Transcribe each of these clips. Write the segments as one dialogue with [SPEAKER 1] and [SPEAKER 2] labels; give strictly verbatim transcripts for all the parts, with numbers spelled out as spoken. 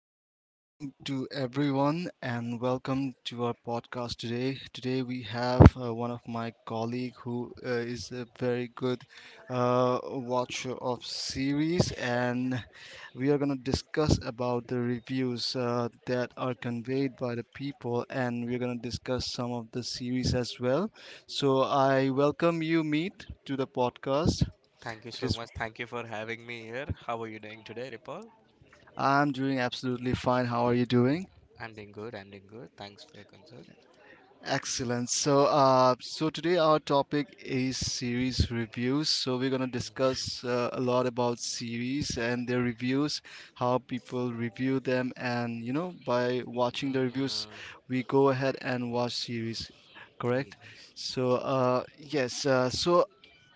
[SPEAKER 1] very good evening to everyone, and welcome to our podcast today. Today we have uh, one of my colleague who uh, is a very good uh, watcher of series, and we are going to discuss about the reviews uh, that are conveyed by the people, and we're going to discuss some of the series as well. So I welcome you, Meet, to the podcast.
[SPEAKER 2] Thank you
[SPEAKER 1] It
[SPEAKER 2] so
[SPEAKER 1] is.
[SPEAKER 2] much. Thank you for having me here. How are you doing today, Ripal?
[SPEAKER 1] I'm doing absolutely fine. How are you doing?
[SPEAKER 2] I'm doing good. I'm doing good. Thanks for your concern.
[SPEAKER 1] Excellent. So, uh, so today our topic is series reviews. So we're gonna
[SPEAKER 2] Mhm,
[SPEAKER 1] discuss uh, a lot about series and their reviews, how people review them, and you know, by watching the reviews,
[SPEAKER 2] mhm.
[SPEAKER 1] we go ahead and watch series. Correct.
[SPEAKER 2] Yes.
[SPEAKER 1] So, uh, yes. Uh, so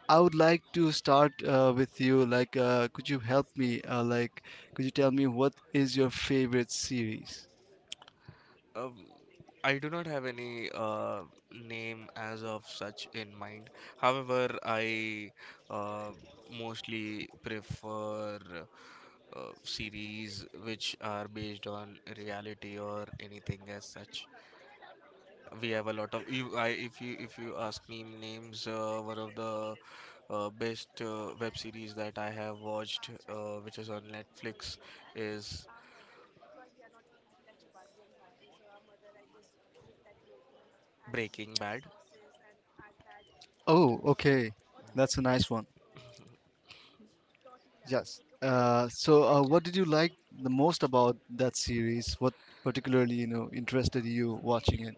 [SPEAKER 1] I would like to start uh, with you. Like, uh, could you help me? Uh, like, could you tell me what is your favorite series?
[SPEAKER 2] Um, I do not have any uh, name as of such in mind. However, I uh, mostly prefer uh, series which are based on reality or anything as such. We have a lot of. If I, if you if you ask me names, uh, one of the uh, best uh, web series that I have watched, uh, which is on Netflix, is Breaking Bad.
[SPEAKER 1] Oh, okay. That's a nice one. Yes. Uh, so, uh, what did you like the most about that series? What particularly, you know, interested you watching it?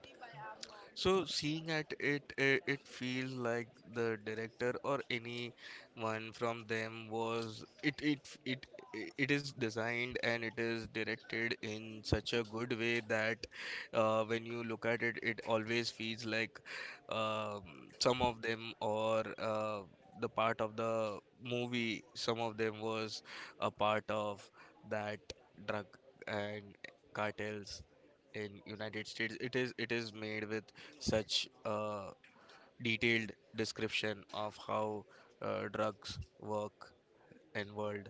[SPEAKER 2] So seeing at it, it, it feels like the director or anyone from them was it it it it is designed and it is directed in such a good way that uh, when you look at it, it always feels like um, some of them or uh, the part of the movie, some of them was a part of that drug and cartels in United States. It is it is made with such uh, detailed description of how uh, drugs work and world.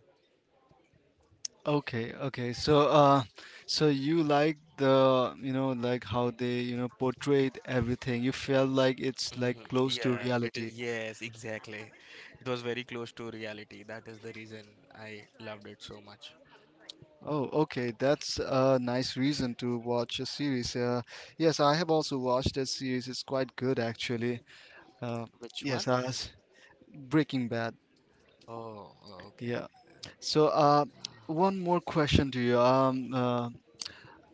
[SPEAKER 1] Okay, okay. So, uh, so you like the, you know, like how they, you know, portrayed everything. You felt like it's like
[SPEAKER 2] hmm
[SPEAKER 1] close to
[SPEAKER 2] Yeah, it
[SPEAKER 1] reality.
[SPEAKER 2] is. Yes, exactly. It was very close to reality. That is the reason I loved it so much.
[SPEAKER 1] Oh, okay. That's a nice reason to watch a series. Uh, yes, I have also watched that series. It's quite good, actually. Uh,
[SPEAKER 2] Which one?
[SPEAKER 1] yes, uh, s- Breaking Bad.
[SPEAKER 2] Oh, oh, okay.
[SPEAKER 1] Yeah. So, uh, one more question to you. Um, uh,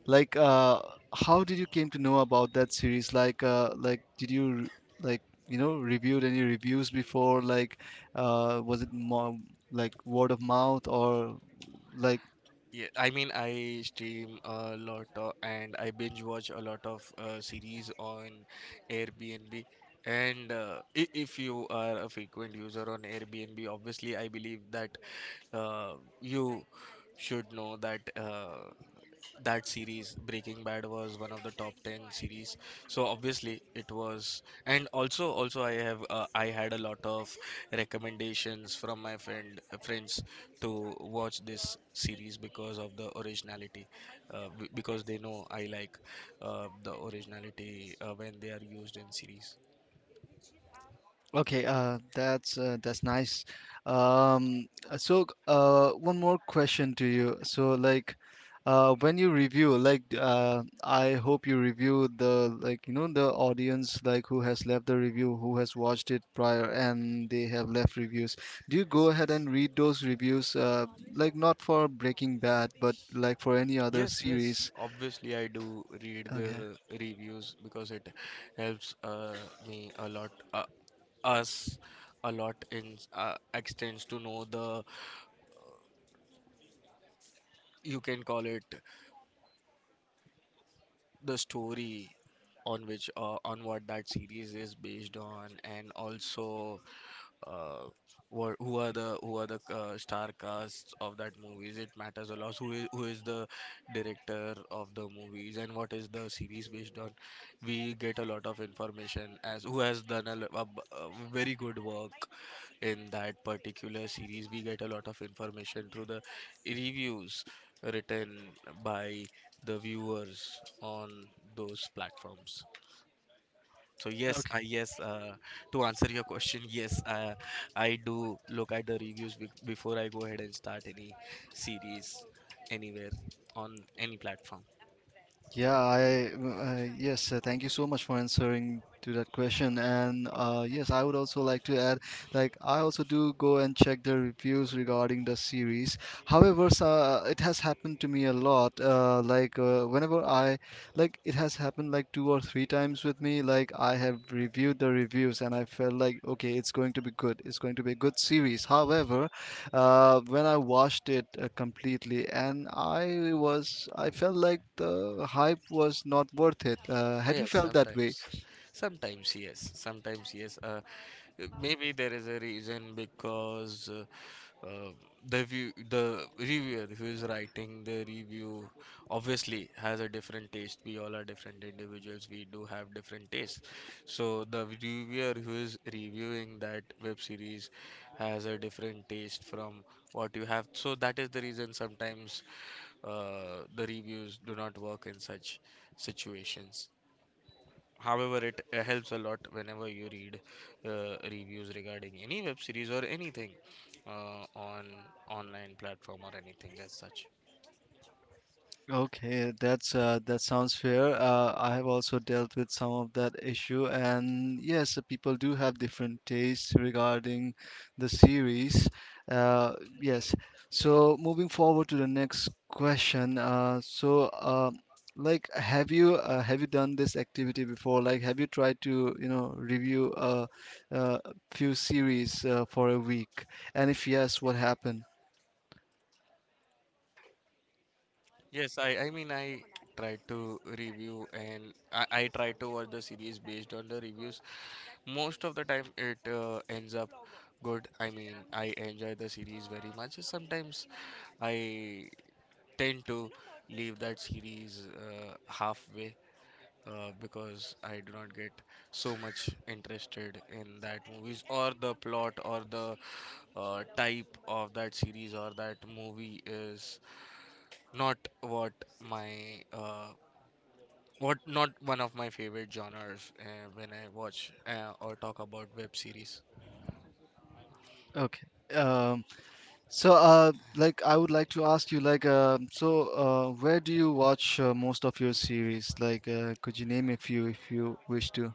[SPEAKER 1] like, uh, how did you came to know about that series? Like, uh, like, did you r- like you know reviewed any reviews before? Like, uh, was it more like word of mouth or like.
[SPEAKER 2] Yeah, I mean, I stream a lot of, and I binge watch a lot of uh, series on Airbnb. And uh, i- if you are a frequent user on Airbnb, obviously, I believe that uh, you should know that. Uh, that series breaking bad was one of the top ten series, so obviously it was. And also also I have uh, I had a lot of recommendations from my friend friends to watch this series because of the originality, uh, b- because they know I like uh, the originality uh, when they are used in series.
[SPEAKER 1] Okay, uh, that's uh, that's nice. Um, uh, so, uh, one more question to you. So, like, uh, when you review, like, uh, I hope you review the, like, you know, the audience, like, who has left the review, who has watched it prior, and they have left reviews. Do you go
[SPEAKER 2] Yes,
[SPEAKER 1] ahead
[SPEAKER 2] yes.
[SPEAKER 1] and read those reviews, uh, like, not for Breaking Bad, but like for any other
[SPEAKER 2] Yes, yes.
[SPEAKER 1] series?
[SPEAKER 2] Obviously, I do read
[SPEAKER 1] Okay.
[SPEAKER 2] the reviews because it helps uh, me a lot, uh, us a lot in s- uh, extends to know the, you can call it, the story on which, uh, on what that series is based on, and also uh, what who are the who are the uh, star casts of that movies. It matters a lot who is, who is the director of the movies and what is the series based on. We get a lot of information as who has done a, lo- a b- a very good work in that particular series. We get a lot of information through the reviews written by the viewers on those platforms. So yes, I yes. Uh, to answer your question, yes, uh, I do look at the reviews be before I go ahead and start any series anywhere on any platform.
[SPEAKER 1] Yeah, I uh, yes, uh, thank you so much for answering to that question. And uh, yes, I would also like to add, like I also do go and check the reviews regarding the series. However, so, uh, it has happened to me a lot. Uh, like uh, whenever I, like it has happened like two or three times with me. Like I have reviewed the reviews and I felt like okay, it's going to be good. It's going to be a good series. However, uh, when I watched it uh, completely, and I was I felt like the hype was not worth it. Uh, have you
[SPEAKER 2] Yes,
[SPEAKER 1] felt that way?
[SPEAKER 2] sometimes, sometimes yes, sometimes yes. Uh, Uh, Maybe there is a reason because uh, uh, the view, the reviewer who is writing the review obviously has a different taste. We all are different individuals. We do have different tastes. So the reviewer who is reviewing that web series has a different taste from what you have. So that is the reason sometimes uh, the reviews do not work in such situations. However, it uh, helps a lot whenever you read uh, reviews regarding any web series or anything uh, on online platform or anything as such.
[SPEAKER 1] Okay, that's uh, that sounds fair. Uh, I have also dealt with some of that issue, and yes, uh, people do have different tastes regarding the series. Uh, yes. So moving forward to the next question. Uh, so, uh, like, have you uh, have you done this activity before? Like, have you tried to you know review a, a few series uh, for a week? And if yes, what happened?
[SPEAKER 2] Yes, I, I mean I try to review and I, I tried to watch the series based on the reviews. Most of the time it uh, ends up good. I mean I enjoy the series very much. Sometimes I tend to leave that series uh, halfway uh, because I do not get so much interested in that movies, or the plot, or the uh, type of that series, or that movie is not what my uh, what not one of my favorite genres uh, when I watch uh, or talk about web series.
[SPEAKER 1] Okay. Um, So, uh, like, I would like to ask you, like, uh, so, uh, where do you watch uh, most of your series? Like, uh, could you name a few if you wish to?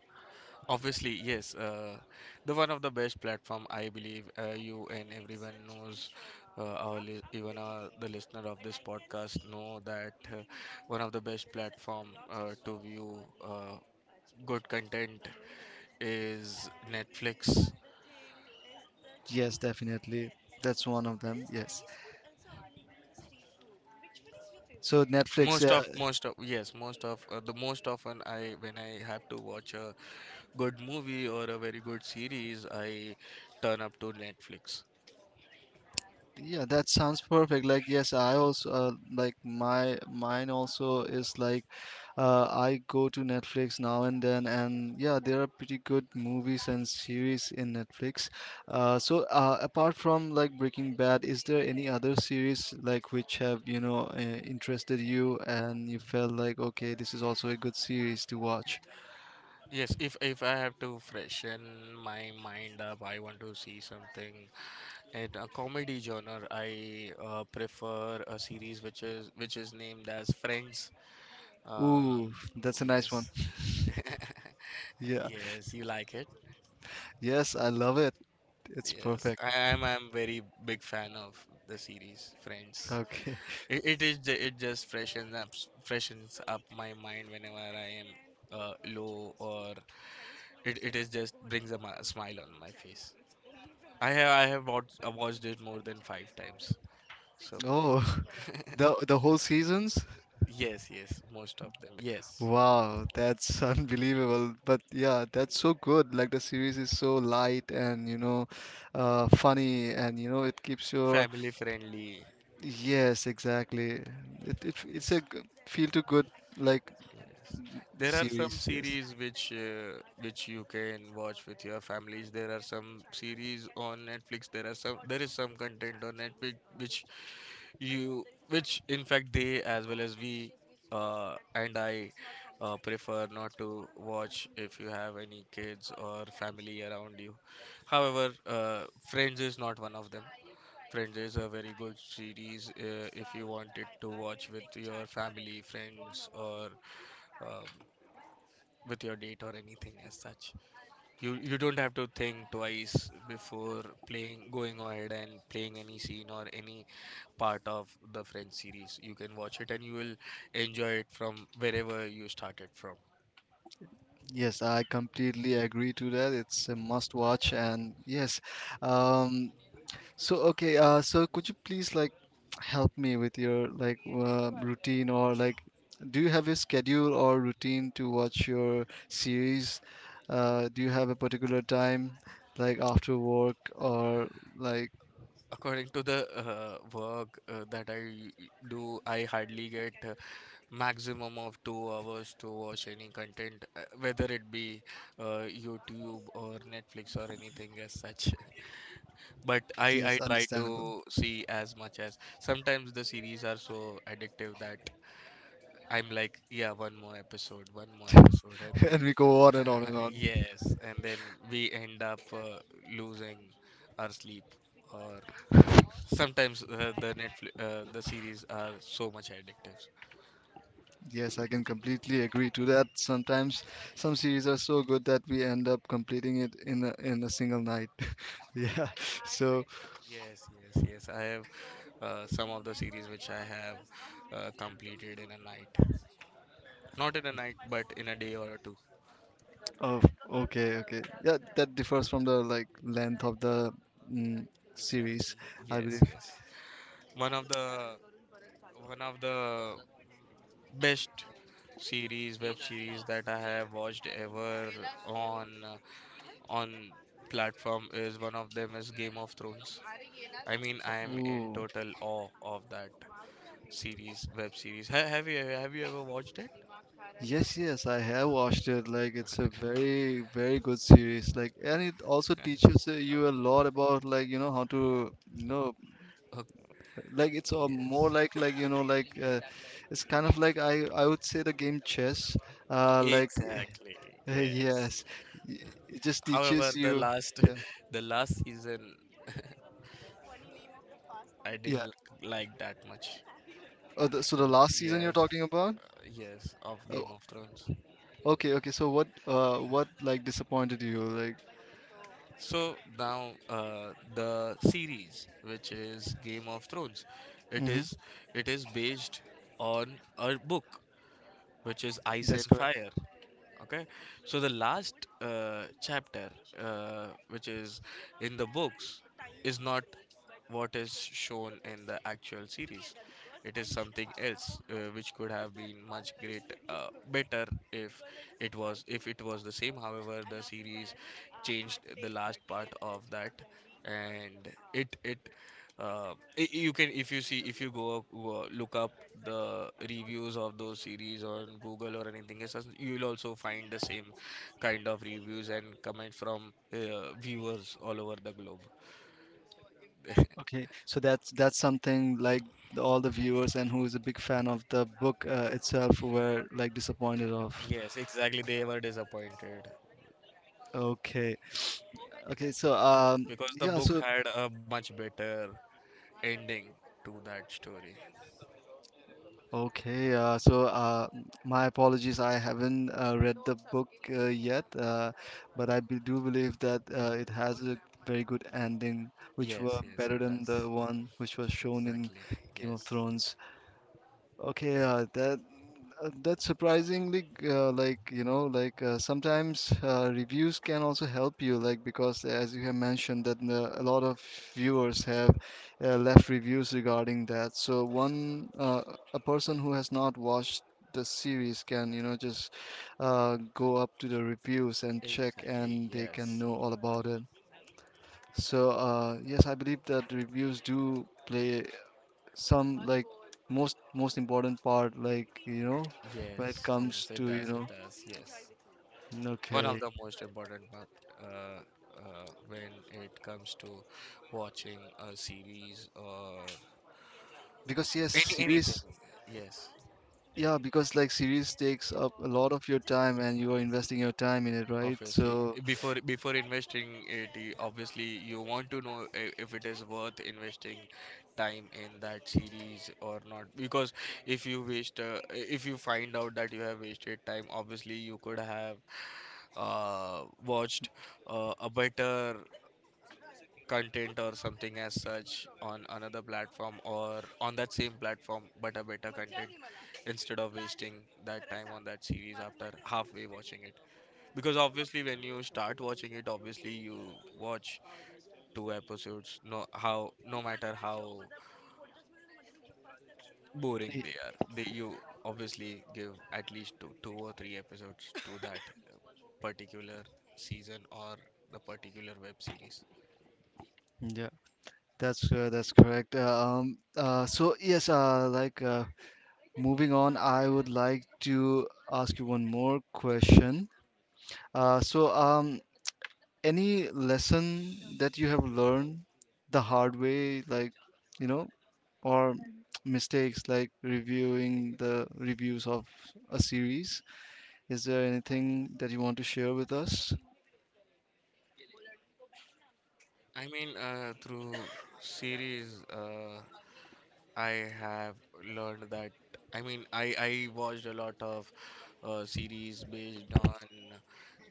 [SPEAKER 2] Obviously, yes. Uh, the one of the best platform, I believe. Uh, you and everyone knows, uh, our li- even our the listener of this podcast know that uh, one of the best platform uh, to view uh, good content is Netflix.
[SPEAKER 1] Yes, definitely. That's one of them. Yes. So Netflix.
[SPEAKER 2] Most
[SPEAKER 1] Uh,
[SPEAKER 2] of most of yes, most of uh, the most often I when I have to watch a good movie or a very good series, I turn up to Netflix.
[SPEAKER 1] Yeah, that sounds perfect. Like, yes, I also uh, like my mine also is like uh, I go to Netflix now and then, and yeah, there are pretty good movies and series in Netflix. Uh, so uh, apart from like Breaking Bad, is there any other series like which have you know uh, interested you and you felt like okay, this is also a good series to watch?
[SPEAKER 2] Yes, if if I have to freshen my mind up, I want to see something in a comedy genre. I uh, prefer a series which is which is named as Friends. Um,
[SPEAKER 1] Ooh, that's a nice one.
[SPEAKER 2] yes,
[SPEAKER 1] Yeah.
[SPEAKER 2] yes, you like it.
[SPEAKER 1] Yes, I love it. It's
[SPEAKER 2] Yes,
[SPEAKER 1] perfect.
[SPEAKER 2] I am. I'm very big fan of the series Friends.
[SPEAKER 1] Okay.
[SPEAKER 2] It, it is ju- it just freshens up freshens up my mind whenever I am uh, low, or it, it is just brings a ma- smile on my face. I have I have watched I watched it more than five times. So
[SPEAKER 1] Oh, the the whole seasons?
[SPEAKER 2] yes, yes, most of them. Yes,
[SPEAKER 1] Wow, that's unbelievable. But yeah, that's so good. Like the series is so light and you know, uh, funny and you know it keeps your
[SPEAKER 2] family friendly.
[SPEAKER 1] yes, exactly. It, it it's a
[SPEAKER 2] Yes,
[SPEAKER 1] g- feel too good like
[SPEAKER 2] there are some
[SPEAKER 1] series. Yes.
[SPEAKER 2] series which uh, which you can watch with your families. There are some series on Netflix. There are some there is some content on Netflix which you which in fact they as well as we uh, and I uh, prefer not to watch if you have any kids or family around you. However, uh, friends is not one of them. Friends is a very good series uh, if you wanted to watch with your family, friends, or um, with your date or anything as such. You you don't have to think twice before playing going ahead and playing any scene or any part of the French series. You can watch it and you will enjoy it from wherever you started from.
[SPEAKER 1] Yes, I completely agree to that. It's a must watch and yes, um. So okay, uh, so could you please like help me with your like uh, routine or like do you have a schedule or routine to watch your series? Uh, do you have a particular time like after work or like.
[SPEAKER 2] According to the uh, work uh, that I do, I hardly get uh, maximum of two hours to watch any content, uh, whether it be uh, YouTube or Netflix or anything as such. But I I
[SPEAKER 1] Yes,
[SPEAKER 2] try
[SPEAKER 1] understandable.
[SPEAKER 2] to see as much as sometimes the series are so addictive that I'm like, yeah, one more episode, one more episode, and then
[SPEAKER 1] And we go on and on and on.
[SPEAKER 2] yes, and then we end up uh, losing our sleep, or sometimes uh, the Netflix, uh, the series are so much addictive.
[SPEAKER 1] Yes, I can completely agree to that. Sometimes some series are so good that we end up completing it in a, in a single night. Yeah. So.
[SPEAKER 2] Yes, yes, yes. I have uh, some of the series which I have uh, completed in a night, not in a night, but in a day or two.
[SPEAKER 1] Oh, okay, okay. Yeah, that differs from the like length of the mm, series,
[SPEAKER 2] Exactly.
[SPEAKER 1] I believe.
[SPEAKER 2] Yes, yes. One of the one of the best series web series that I have watched ever on uh, on platform, is one of them, is Game of Thrones. I mean I am in
[SPEAKER 1] Ooh,
[SPEAKER 2] total awe of that series web series. ha- have you have you ever watched it?
[SPEAKER 1] yes, yes, I have watched it. Like, it's a very, very good series. Like, and it also teaches uh, you a lot about like you know how to you know
[SPEAKER 2] Oh,
[SPEAKER 1] like it's uh, more
[SPEAKER 2] yes,
[SPEAKER 1] like like you know like uh, it's kind of like I I would say the game chess. Uh, like
[SPEAKER 2] exactly. Yes,
[SPEAKER 1] yes, it just
[SPEAKER 2] however
[SPEAKER 1] teaches
[SPEAKER 2] the
[SPEAKER 1] you.
[SPEAKER 2] last
[SPEAKER 1] Yeah,
[SPEAKER 2] the last season I
[SPEAKER 1] yeah.
[SPEAKER 2] didn't l- like that much,
[SPEAKER 1] Oh, the, so the
[SPEAKER 2] because
[SPEAKER 1] last season you're
[SPEAKER 2] yes,
[SPEAKER 1] talking about?
[SPEAKER 2] uh, yes of Game
[SPEAKER 1] Oh,
[SPEAKER 2] of Thrones.
[SPEAKER 1] okay, okay. So what uh what like disappointed you? Like
[SPEAKER 2] So now uh, the series, which is Game of Thrones, it
[SPEAKER 1] mm-hmm,
[SPEAKER 2] is it is based on a book, which is Ice and
[SPEAKER 1] that's correct.
[SPEAKER 2] Fire. Okay, so the last uh, chapter, uh, which is in the books, is not what is shown in the actual series. It is something else, uh, which could have been much great, uh, better if it was if it was the same. However, the series changed the last part of that, and it it uh, i- you can, if you see, if you go up, wo- look up the reviews of those series on Google or anything else, you'll also find the same kind of reviews and comments from uh, viewers all over the globe.
[SPEAKER 1] Okay. So that's that's something like the- all the viewers and who is a big fan of the book uh, itself were like disappointed
[SPEAKER 2] Yes,
[SPEAKER 1] of.
[SPEAKER 2] exactly, they were disappointed
[SPEAKER 1] Okay. Okay, so um
[SPEAKER 2] because the
[SPEAKER 1] yeah,
[SPEAKER 2] book
[SPEAKER 1] so
[SPEAKER 2] had a much better ending to that story.
[SPEAKER 1] okay, uh so uh my apologies I haven't uh, read the book uh, yet, uh but I be do believe that uh, it has a very good ending which
[SPEAKER 2] Yes,
[SPEAKER 1] were
[SPEAKER 2] yes,
[SPEAKER 1] better
[SPEAKER 2] it
[SPEAKER 1] than the
[SPEAKER 2] does,
[SPEAKER 1] one which was shown in
[SPEAKER 2] exactly.
[SPEAKER 1] Game of
[SPEAKER 2] Yes.
[SPEAKER 1] Thrones. Okay, uh, that uh, that's surprisingly uh, like you know like uh, sometimes uh, reviews can also help you like because as you have mentioned that uh, a lot of viewers have uh, left reviews regarding that. So one uh, a person who has not watched the series can you know just uh, go up to the reviews and check
[SPEAKER 2] Exactly,
[SPEAKER 1] and they can
[SPEAKER 2] yes.
[SPEAKER 1] know all about it. So uh, yes, I believe that reviews do play some like most most important part like you know when it
[SPEAKER 2] Yes,
[SPEAKER 1] comes
[SPEAKER 2] yes, it
[SPEAKER 1] to you
[SPEAKER 2] does, it
[SPEAKER 1] know
[SPEAKER 2] does, yes. One of
[SPEAKER 1] okay
[SPEAKER 2] the most important part, uh, uh, when it comes to watching a series or
[SPEAKER 1] because yes
[SPEAKER 2] any
[SPEAKER 1] series
[SPEAKER 2] anything, yes.
[SPEAKER 1] yeah because like series takes up a lot of your time and you are investing your time in it right
[SPEAKER 2] Obviously,
[SPEAKER 1] so
[SPEAKER 2] before before investing it, you- obviously you want to know, i- if it is worth investing time in that series or not. Because if you waste, uh, if you find out that you have wasted time, obviously you could have uh, watched uh, a better content or something as such on another platform or on that same platform, but a better content, instead of wasting that time on that series after halfway watching it. Because obviously when you start watching it, obviously you watch two episodes. no how no matter how boring
[SPEAKER 1] y-
[SPEAKER 2] they are, they you obviously give at least two, two or three episodes to that particular season or the particular web series.
[SPEAKER 1] yeah that's uh, that's correct uh, um uh so yes uh like uh moving on I would like to ask you one more question uh so um any lesson that you have learned the hard way like you know or mistakes like reviewing the reviews of a series. Is there anything that you want to share with us?
[SPEAKER 2] I mean, uh, through series, uh, I have learned that. I mean, I I watched a lot of uh, series based on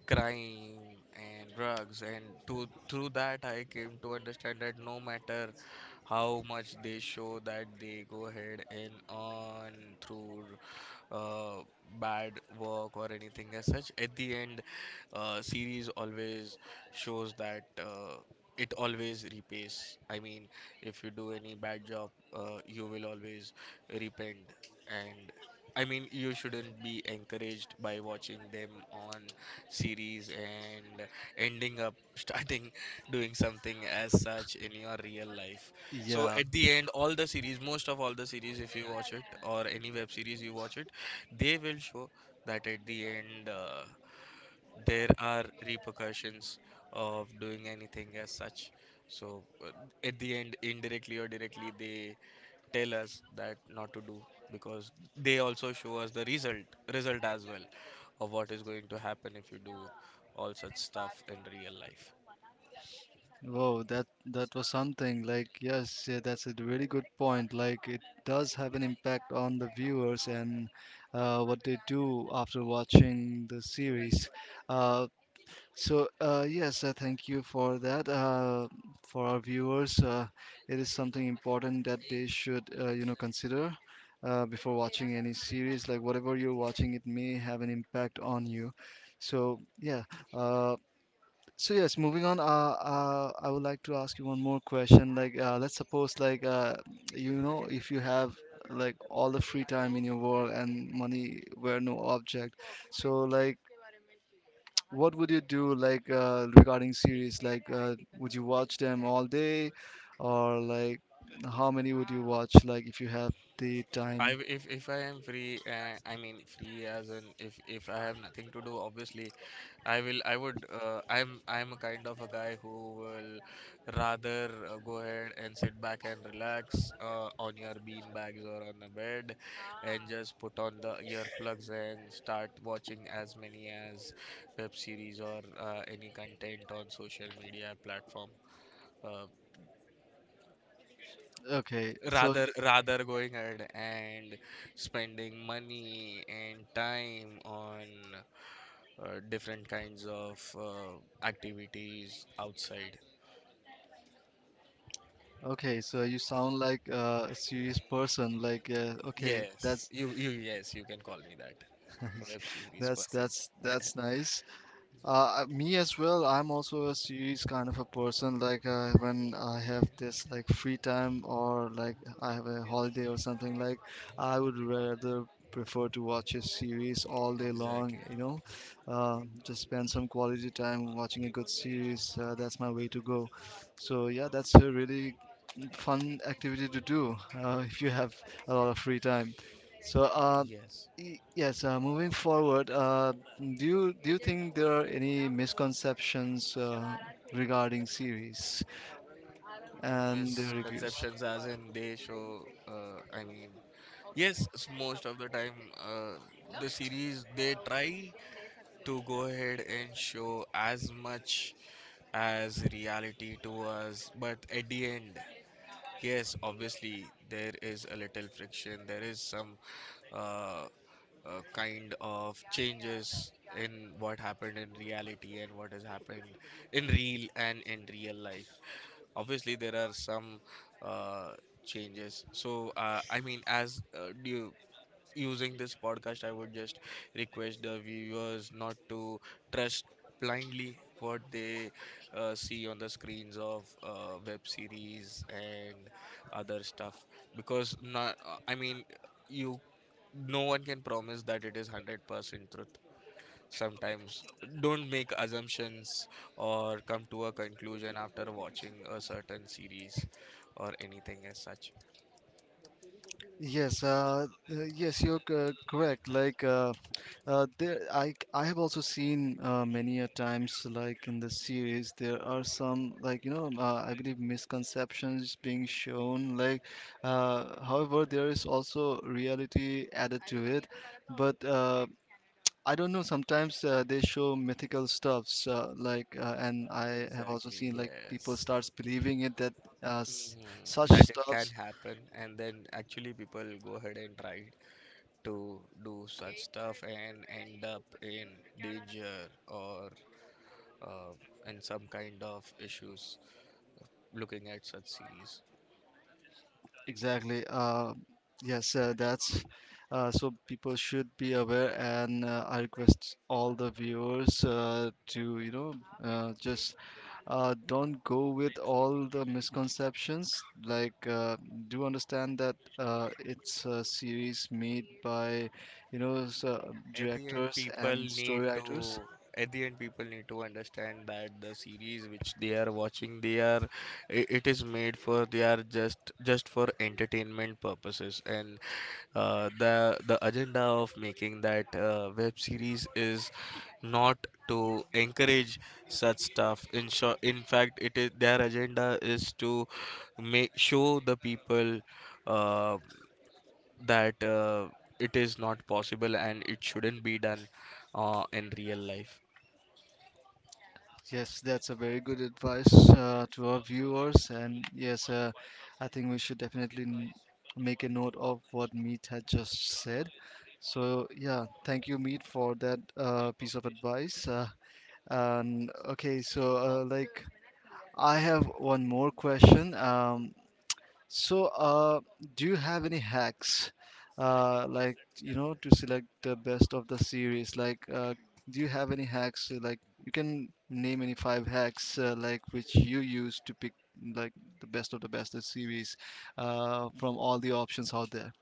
[SPEAKER 2] crime and drugs, and to through that I came to understand that no matter how much they show that they go ahead and on through uh, bad work or anything as such. At the end, uh, series always shows that, uh, it always repays. I mean, if you do any bad job, uh, you will always repent. And I mean, you shouldn't be encouraged by watching them on series and ending up starting doing something as such in your real life. So
[SPEAKER 1] Yeah.
[SPEAKER 2] at the end, all the series, most of all the series, if you watch it or any web series you watch it, they will show that at the end uh, there are repercussions of doing anything as such. So uh, at the end, indirectly or directly, they tell us that not to do because they also show us the result result as well of what is going to happen if you do all such stuff in real life.
[SPEAKER 1] Whoa, that that was something. Like, yes, yeah, that's a really good point. Like, it does have an impact on the viewers and uh, what they do after watching the series. Uh, So, uh, yes, uh, thank you for that. Uh, for our viewers, uh, it is something important that they should, uh, you know, consider uh, before watching any series. Like whatever you're watching, it may have an impact on you. So, yeah. Uh, so yes, moving on. Uh, uh, I would like to ask you one more question. Like, uh, let's suppose, like, uh, you know, if you have like all the free time in your world and money were no object, so like what would you do like uh, regarding series? Like, uh, would you watch them all day, or like, how many would you watch? Like, if you have the
[SPEAKER 2] I
[SPEAKER 1] time.
[SPEAKER 2] w- if if I am free, uh, I mean free as in if if I have nothing to do, obviously I will. I would. Uh, I'm I'm a kind of a guy who will rather uh, go ahead and sit back and relax uh, on your bean bags or on the bed, and just put on the earplugs and start watching as many as web series or uh, any content on social media platform. Uh,
[SPEAKER 1] Okay, so
[SPEAKER 2] rather
[SPEAKER 1] you,
[SPEAKER 2] rather going ahead and spending money and time on uh, different kinds of uh, activities outside.
[SPEAKER 1] okay, so you sound like uh, a serious person. Like, uh, okay,
[SPEAKER 2] Yes,
[SPEAKER 1] that's
[SPEAKER 2] you you yes, you can call me that, a web series
[SPEAKER 1] that's
[SPEAKER 2] person.
[SPEAKER 1] that's that's nice. Uh, uh, me as well. I'm also a series kind of a person. Like uh, when I have this like free time or like I have a holiday or something like, I would rather prefer to watch a series all day long.
[SPEAKER 2] Exactly,
[SPEAKER 1] You know, uh, just spend some quality time watching a good series. Uh, that's my way to go. So yeah, that's a really fun activity to do uh, if you have a lot of free time. So, uh,
[SPEAKER 2] yes.
[SPEAKER 1] y- yes, uh, moving forward, uh, do you do you think there are any misconceptions uh, regarding series and their reviews?
[SPEAKER 2] Misconceptions as in they show uh, I mean, yes, s- most of the time uh, the series they try to go ahead and show as much as reality to us. But at the end, yes, obviously, there is a little friction, there is some uh, uh, kind of changes in what happened in reality and what has happened in real and in real life. Obviously, there are some uh, changes. So, uh, I mean, as uh, do you, using this podcast, I would just request the viewers not to trust blindly what they uh, see on the screens of uh, web series and other stuff because not, I mean, you, no one can promise that it is one hundred percent truth. Sometimes don't make assumptions or come to a conclusion after watching a certain series or anything as such.
[SPEAKER 1] Yes, uh, uh, yes, you're c- correct. Like, uh, uh, there, I, I have also seen uh, many a times, like in the series, there are some, like, you know, uh, I believe misconceptions being shown. Like, uh, however, there is also reality added to it. But uh, I don't know, sometimes uh, they show mythical stuffs, uh, like, uh, and I have also
[SPEAKER 2] Exactly,
[SPEAKER 1] seen, like, people
[SPEAKER 2] yes.
[SPEAKER 1] starts believing it that uh, s-
[SPEAKER 2] Mhm,
[SPEAKER 1] such
[SPEAKER 2] that it can
[SPEAKER 1] stuffs.
[SPEAKER 2] happen and then actually people go ahead and try to do such stuff and end up in danger or uh, in some kind of issues looking at such series.
[SPEAKER 1] Exactly. Uh, yes, uh, that's uh, so people should be aware, and uh, I request all the viewers uh, to you know uh, just uh, don't go with all the misconceptions. Like, uh, do understand that uh, it's a series made by you know s- uh,
[SPEAKER 2] At the end,
[SPEAKER 1] directors
[SPEAKER 2] people
[SPEAKER 1] and
[SPEAKER 2] need
[SPEAKER 1] story writers.
[SPEAKER 2] to at the end, people need to understand that the series which they are watching, they are i- it is made for, they are just just for entertainment purposes, and uh, the the agenda of making that uh, web series is not to encourage such stuff. In short, in fact, it is their agenda is to make show the people uh, that uh, it is not possible and it shouldn't be done uh, in real life.
[SPEAKER 1] Yes, that's a very good advice uh, to our viewers. And yes, uh, I think we should definitely n- make a note of what Meet had just said. So, yeah, thank you, Meet, for that uh, piece of advice. Uh, and okay, so uh, like I have one more question. Um, so, uh, do you have any hacks, uh, like you know, to select the best of the series? Like, uh, do you have any hacks? Uh, Like, you can name any five hacks, uh, like which you use to pick like the best of the best of series, uh, from all the options out there.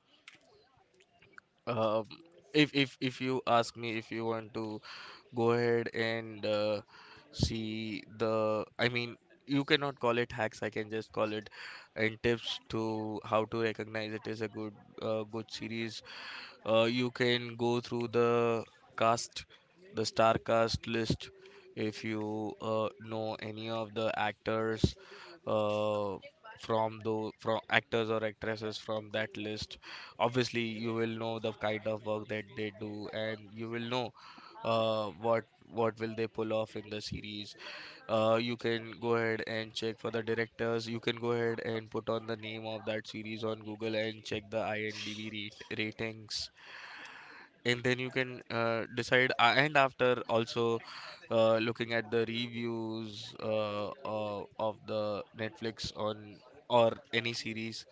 [SPEAKER 2] Um, if if if you ask me, if you want to go ahead and uh, see the, I mean, you cannot call it hacks. I can just call it and tips to how to recognize it is a good uh, good series. Uh, you can go through the cast, the star cast list. If you uh, know any of the actors uh, from the from actors or actresses from that list, obviously you will know the kind of work that they do, and you will know uh, what what will they pull off in the series. Uh, you can go ahead and check for the directors, you can go ahead and put on the name of that series on Google and check the IMDb rate, ratings, and then you can uh, decide uh, and after also uh, looking at the reviews uh, uh, of the Netflix on or any series,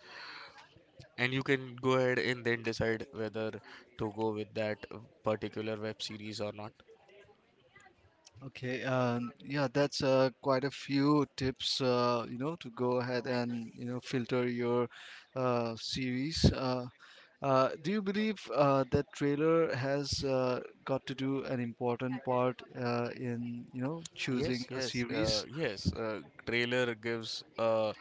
[SPEAKER 2] and you can go ahead and then decide whether to go with that uh, particular web series or not.
[SPEAKER 1] Okay, um, yeah, that's uh, quite a few tips, uh, you know, to go ahead and, you know, filter your uh, series. Uh, uh, do you believe uh, that trailer has uh, got to do an important part uh, in, you know,
[SPEAKER 2] Yes,
[SPEAKER 1] choosing a
[SPEAKER 2] yes, uh,
[SPEAKER 1] series?
[SPEAKER 2] yes, uh, trailer gives a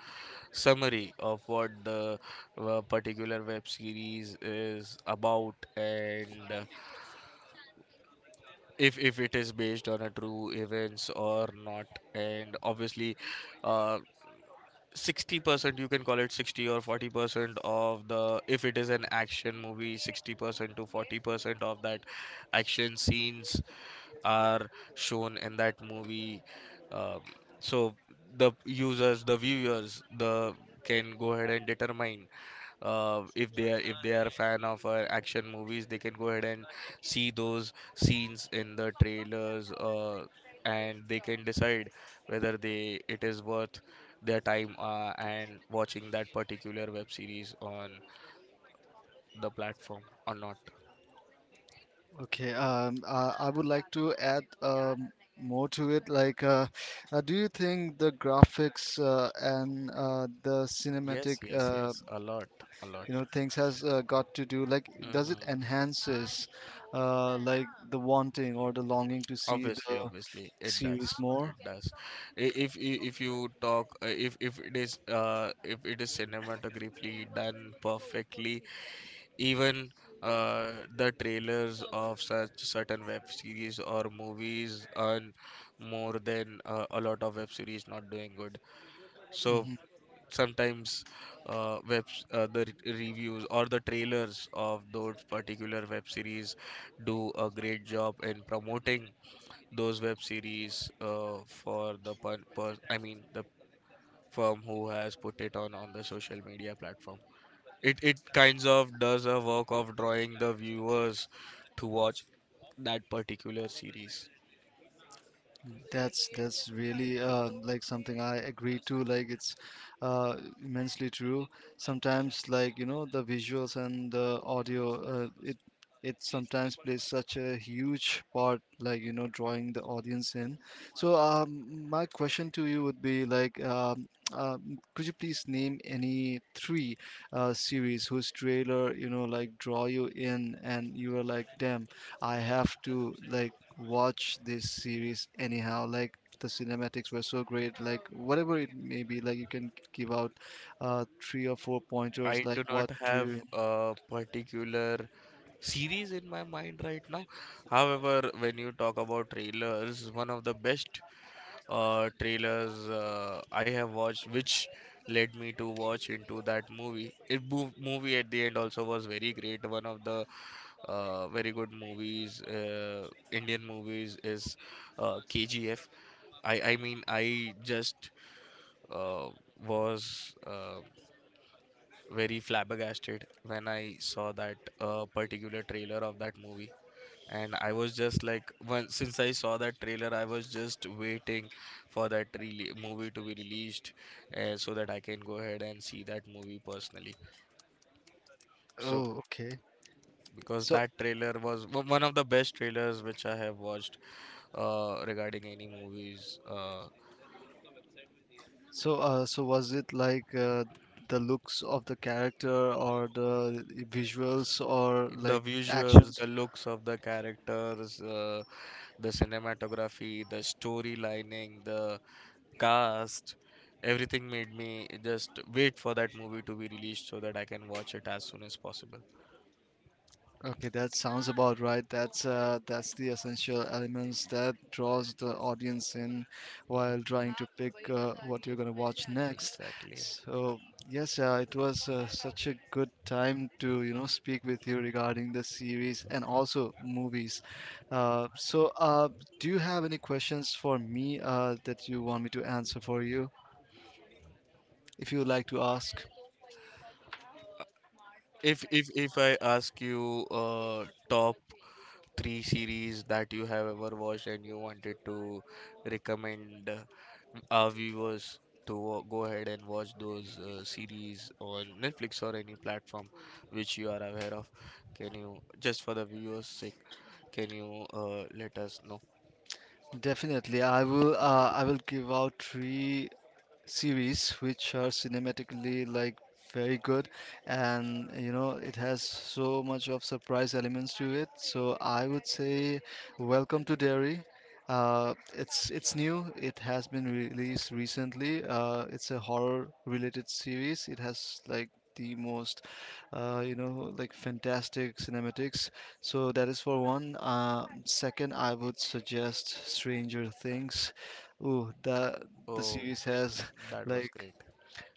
[SPEAKER 2] summary of what the uh, particular web series is about, and uh, if if it is based on a true events or not, and obviously uh, sixty percent, you can call it sixty or forty percent of the, if it is an action movie, sixty percent to forty percent of that action scenes are shown in that movie. Um, so the users, the viewers, the can go ahead and determine uh, if they are if they are a fan of uh, action movies, they can go ahead and see those scenes in the trailers uh, and they can decide whether they it is worth their time uh, and watching that particular web series on the platform or not.
[SPEAKER 1] Okay, um, uh, I would like to add um, more to it. Like, uh, uh, do you think the graphics uh, and uh, the
[SPEAKER 2] Yes,
[SPEAKER 1] cinematic,
[SPEAKER 2] yes,
[SPEAKER 1] uh,
[SPEAKER 2] yes, a lot, a
[SPEAKER 1] you
[SPEAKER 2] lot.
[SPEAKER 1] know, things has uh, got to do, like, does it
[SPEAKER 2] Mm-hmm.
[SPEAKER 1] enhances uh, like the wanting or the longing to see
[SPEAKER 2] Obviously,
[SPEAKER 1] the
[SPEAKER 2] obviously, it
[SPEAKER 1] series
[SPEAKER 2] does.
[SPEAKER 1] more?
[SPEAKER 2] It does. I- If i- if you talk, uh, if if it is uh if it is cinematographically done perfectly, even uh, the trailers of such certain web series or movies earn more than uh, a lot of web series not doing good. So
[SPEAKER 1] Mm-hmm.
[SPEAKER 2] sometimes uh, web uh, the re- reviews or the trailers of those particular web series do a great job in promoting those web series uh, for the per- per- I mean, the firm who has put it on on the social media platform, it it kinds of does a work of drawing the viewers to watch that particular series.
[SPEAKER 1] That's that's really uh, like something I agree to. Like it's, uh, immensely true. Sometimes, like you know, the visuals and the audio, uh, it it sometimes plays such a huge part. Like you know, drawing the audience in. So, um, my question to you would be like, um, uh, could you please name any three uh, series whose trailer, you know, like draw you in, and you were like, damn, I have to like watch this series anyhow. Like the cinematics were so great. Like whatever it may be, like you can give out uh, three or four pointers.
[SPEAKER 2] I do
[SPEAKER 1] Like
[SPEAKER 2] not
[SPEAKER 1] what drew you
[SPEAKER 2] have
[SPEAKER 1] in?
[SPEAKER 2] a particular series in my mind right now. However, when you talk about trailers, one of the best uh, trailers uh, I have watched, which led me to watch into that movie. It mov- movie at the end also was very great. One of the uh, very good movies, uh, Indian movies, is uh, K G F. I I mean, I just uh, was uh, very flabbergasted when I saw that uh, particular trailer of that movie, and I was just like, well, since I saw that trailer, I was just waiting for that rele movie to be released, uh, so that I can go ahead and see that movie personally. So
[SPEAKER 1] Oh, okay.
[SPEAKER 2] because
[SPEAKER 1] So
[SPEAKER 2] that trailer was o- one of the best trailers which I have watched uh, regarding any movies. Uh,
[SPEAKER 1] so uh, so was it like uh, the looks of the character or the visuals or
[SPEAKER 2] the
[SPEAKER 1] like
[SPEAKER 2] visuals,
[SPEAKER 1] actions?
[SPEAKER 2] the looks of the characters, uh, the cinematography, the story lining, the cast, everything made me just wait for that movie to be released so that I can watch it as soon as possible.
[SPEAKER 1] Okay, that sounds about right. That's uh, that's the essential elements that draws the audience in while trying to pick uh, what you're gonna watch next.
[SPEAKER 2] Exactly.
[SPEAKER 1] So yes, uh, it was uh, such a good time to you know speak with you regarding the series and also movies. Uh, so uh, do you have any questions for me uh, that you want me to answer for you, if you would like to ask?
[SPEAKER 2] If if if I ask you, uh top three series that you have ever watched and you wanted to recommend uh, our viewers to wa- go ahead and watch those uh, series on Netflix or any platform which you are aware of, can you just, for the viewers' sake, can you uh, let us know?
[SPEAKER 1] Definitely, I will. Uh, I will give out three series which are cinematically like very good, and you know it has so much of surprise elements to it, so I would say Welcome to Derry. Uh, it's it's new. It has been released recently. Uh, it's a horror related series. It has like the most uh, you know like fantastic cinematics. So that is for one. Uh, second, I would suggest Stranger Things. Ooh, the the
[SPEAKER 2] Oh,
[SPEAKER 1] series has,
[SPEAKER 2] that was
[SPEAKER 1] like,
[SPEAKER 2] great.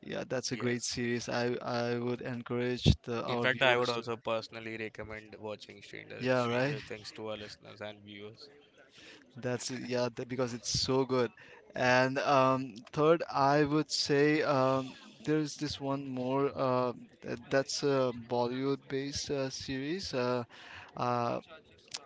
[SPEAKER 1] yeah, that's a great
[SPEAKER 2] Yes.
[SPEAKER 1] series. I I would encourage the
[SPEAKER 2] In
[SPEAKER 1] our
[SPEAKER 2] fact, I
[SPEAKER 1] viewers
[SPEAKER 2] would
[SPEAKER 1] to.
[SPEAKER 2] also personally recommend watching Stranger,
[SPEAKER 1] Yeah, right.
[SPEAKER 2] Stranger Things to our listeners and viewers.
[SPEAKER 1] That's, yeah, that, because it's so good. And um, third, I would say, um, there's this one more. Uh, that, that's a Bollywood-based uh, series. Uh, uh,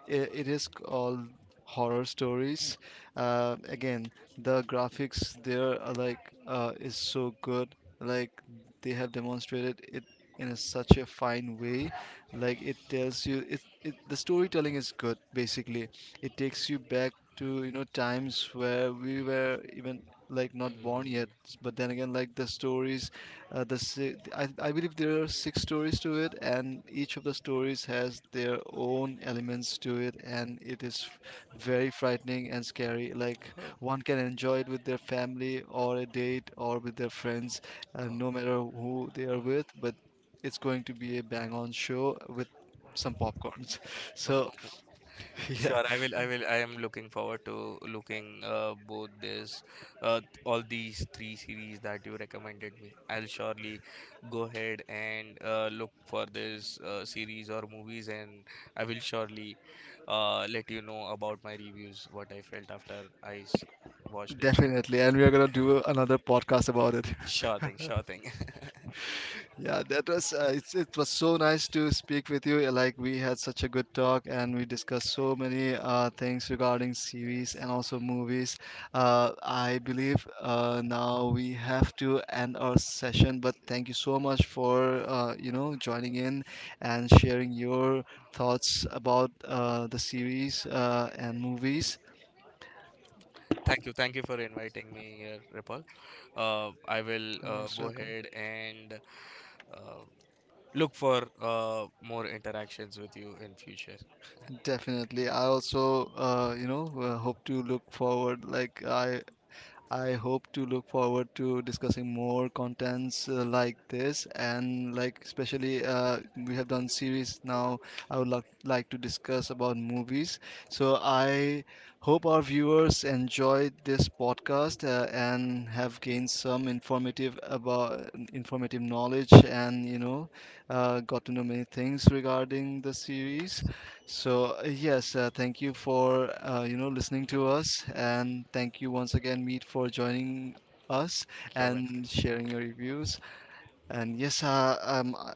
[SPEAKER 1] i- it is called Horror Stories. Uh, again, the graphics there are like, uh, is so good. Like they have demonstrated it in a, such a fine way. Like it tells you, it, it the storytelling is good. Basically, it takes you back to, you know, times where we were even like not born yet.
[SPEAKER 2] Mm.
[SPEAKER 1] But then again, like the stories, uh, the si- I, I believe there are six stories to it, and each of the stories has their own elements to it, and it is f- very frightening and scary. Like
[SPEAKER 2] Oh,
[SPEAKER 1] one can enjoy it with their family or a date or with their friends, uh,
[SPEAKER 2] oh.
[SPEAKER 1] no matter who they are with. But it's going to be a bang-on show with some popcorns. So yeah,
[SPEAKER 2] Sure, I will. I will. I am looking forward to looking uh, both this, uh, all these three series that you recommended me. I'll surely go ahead and uh, look for this uh, series or movies, and I will surely uh, let you know about my reviews, what I felt after I s- watched it.
[SPEAKER 1] definitely, and we are gonna do another podcast about it.
[SPEAKER 2] Sure thing. Sure thing.
[SPEAKER 1] Yeah, that was uh, it's, it was so nice to speak with you. uh, Like we had such a good talk and we discussed so many uh, things regarding series and
[SPEAKER 2] Yes.
[SPEAKER 1] also movies. Uh, I believe uh, now we have to end our session, but thank you so much for uh, you know joining in and sharing your thoughts about uh, the series uh, and movies.
[SPEAKER 2] Thank you. Thank you for inviting me here, Ripple. Uh, I will
[SPEAKER 1] You're
[SPEAKER 2] uh,
[SPEAKER 1] most
[SPEAKER 2] go
[SPEAKER 1] welcome.
[SPEAKER 2] ahead and uh, look for uh, more interactions with you in future.
[SPEAKER 1] Definitely. I also, uh, you know, uh, hope to look forward. Like I I hope to look forward to discussing more contents uh, like this, and like especially uh, we have done series now. I would like like to discuss about movies. So I hope our viewers enjoyed this podcast uh, and have gained some informative about informative knowledge, and you know uh, got to know many things regarding the series. So uh, yes, uh, thank you for uh, you know listening to us, and thank you once again, Meet, for joining us and sharing your reviews. And yes, uh, um, uh,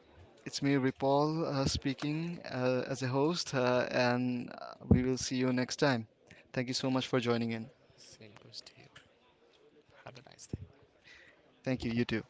[SPEAKER 1] it's me, Ripal, uh, speaking uh, as a host, uh, and uh, we will see you next time. Thank you so much for joining in. Thank you. You too.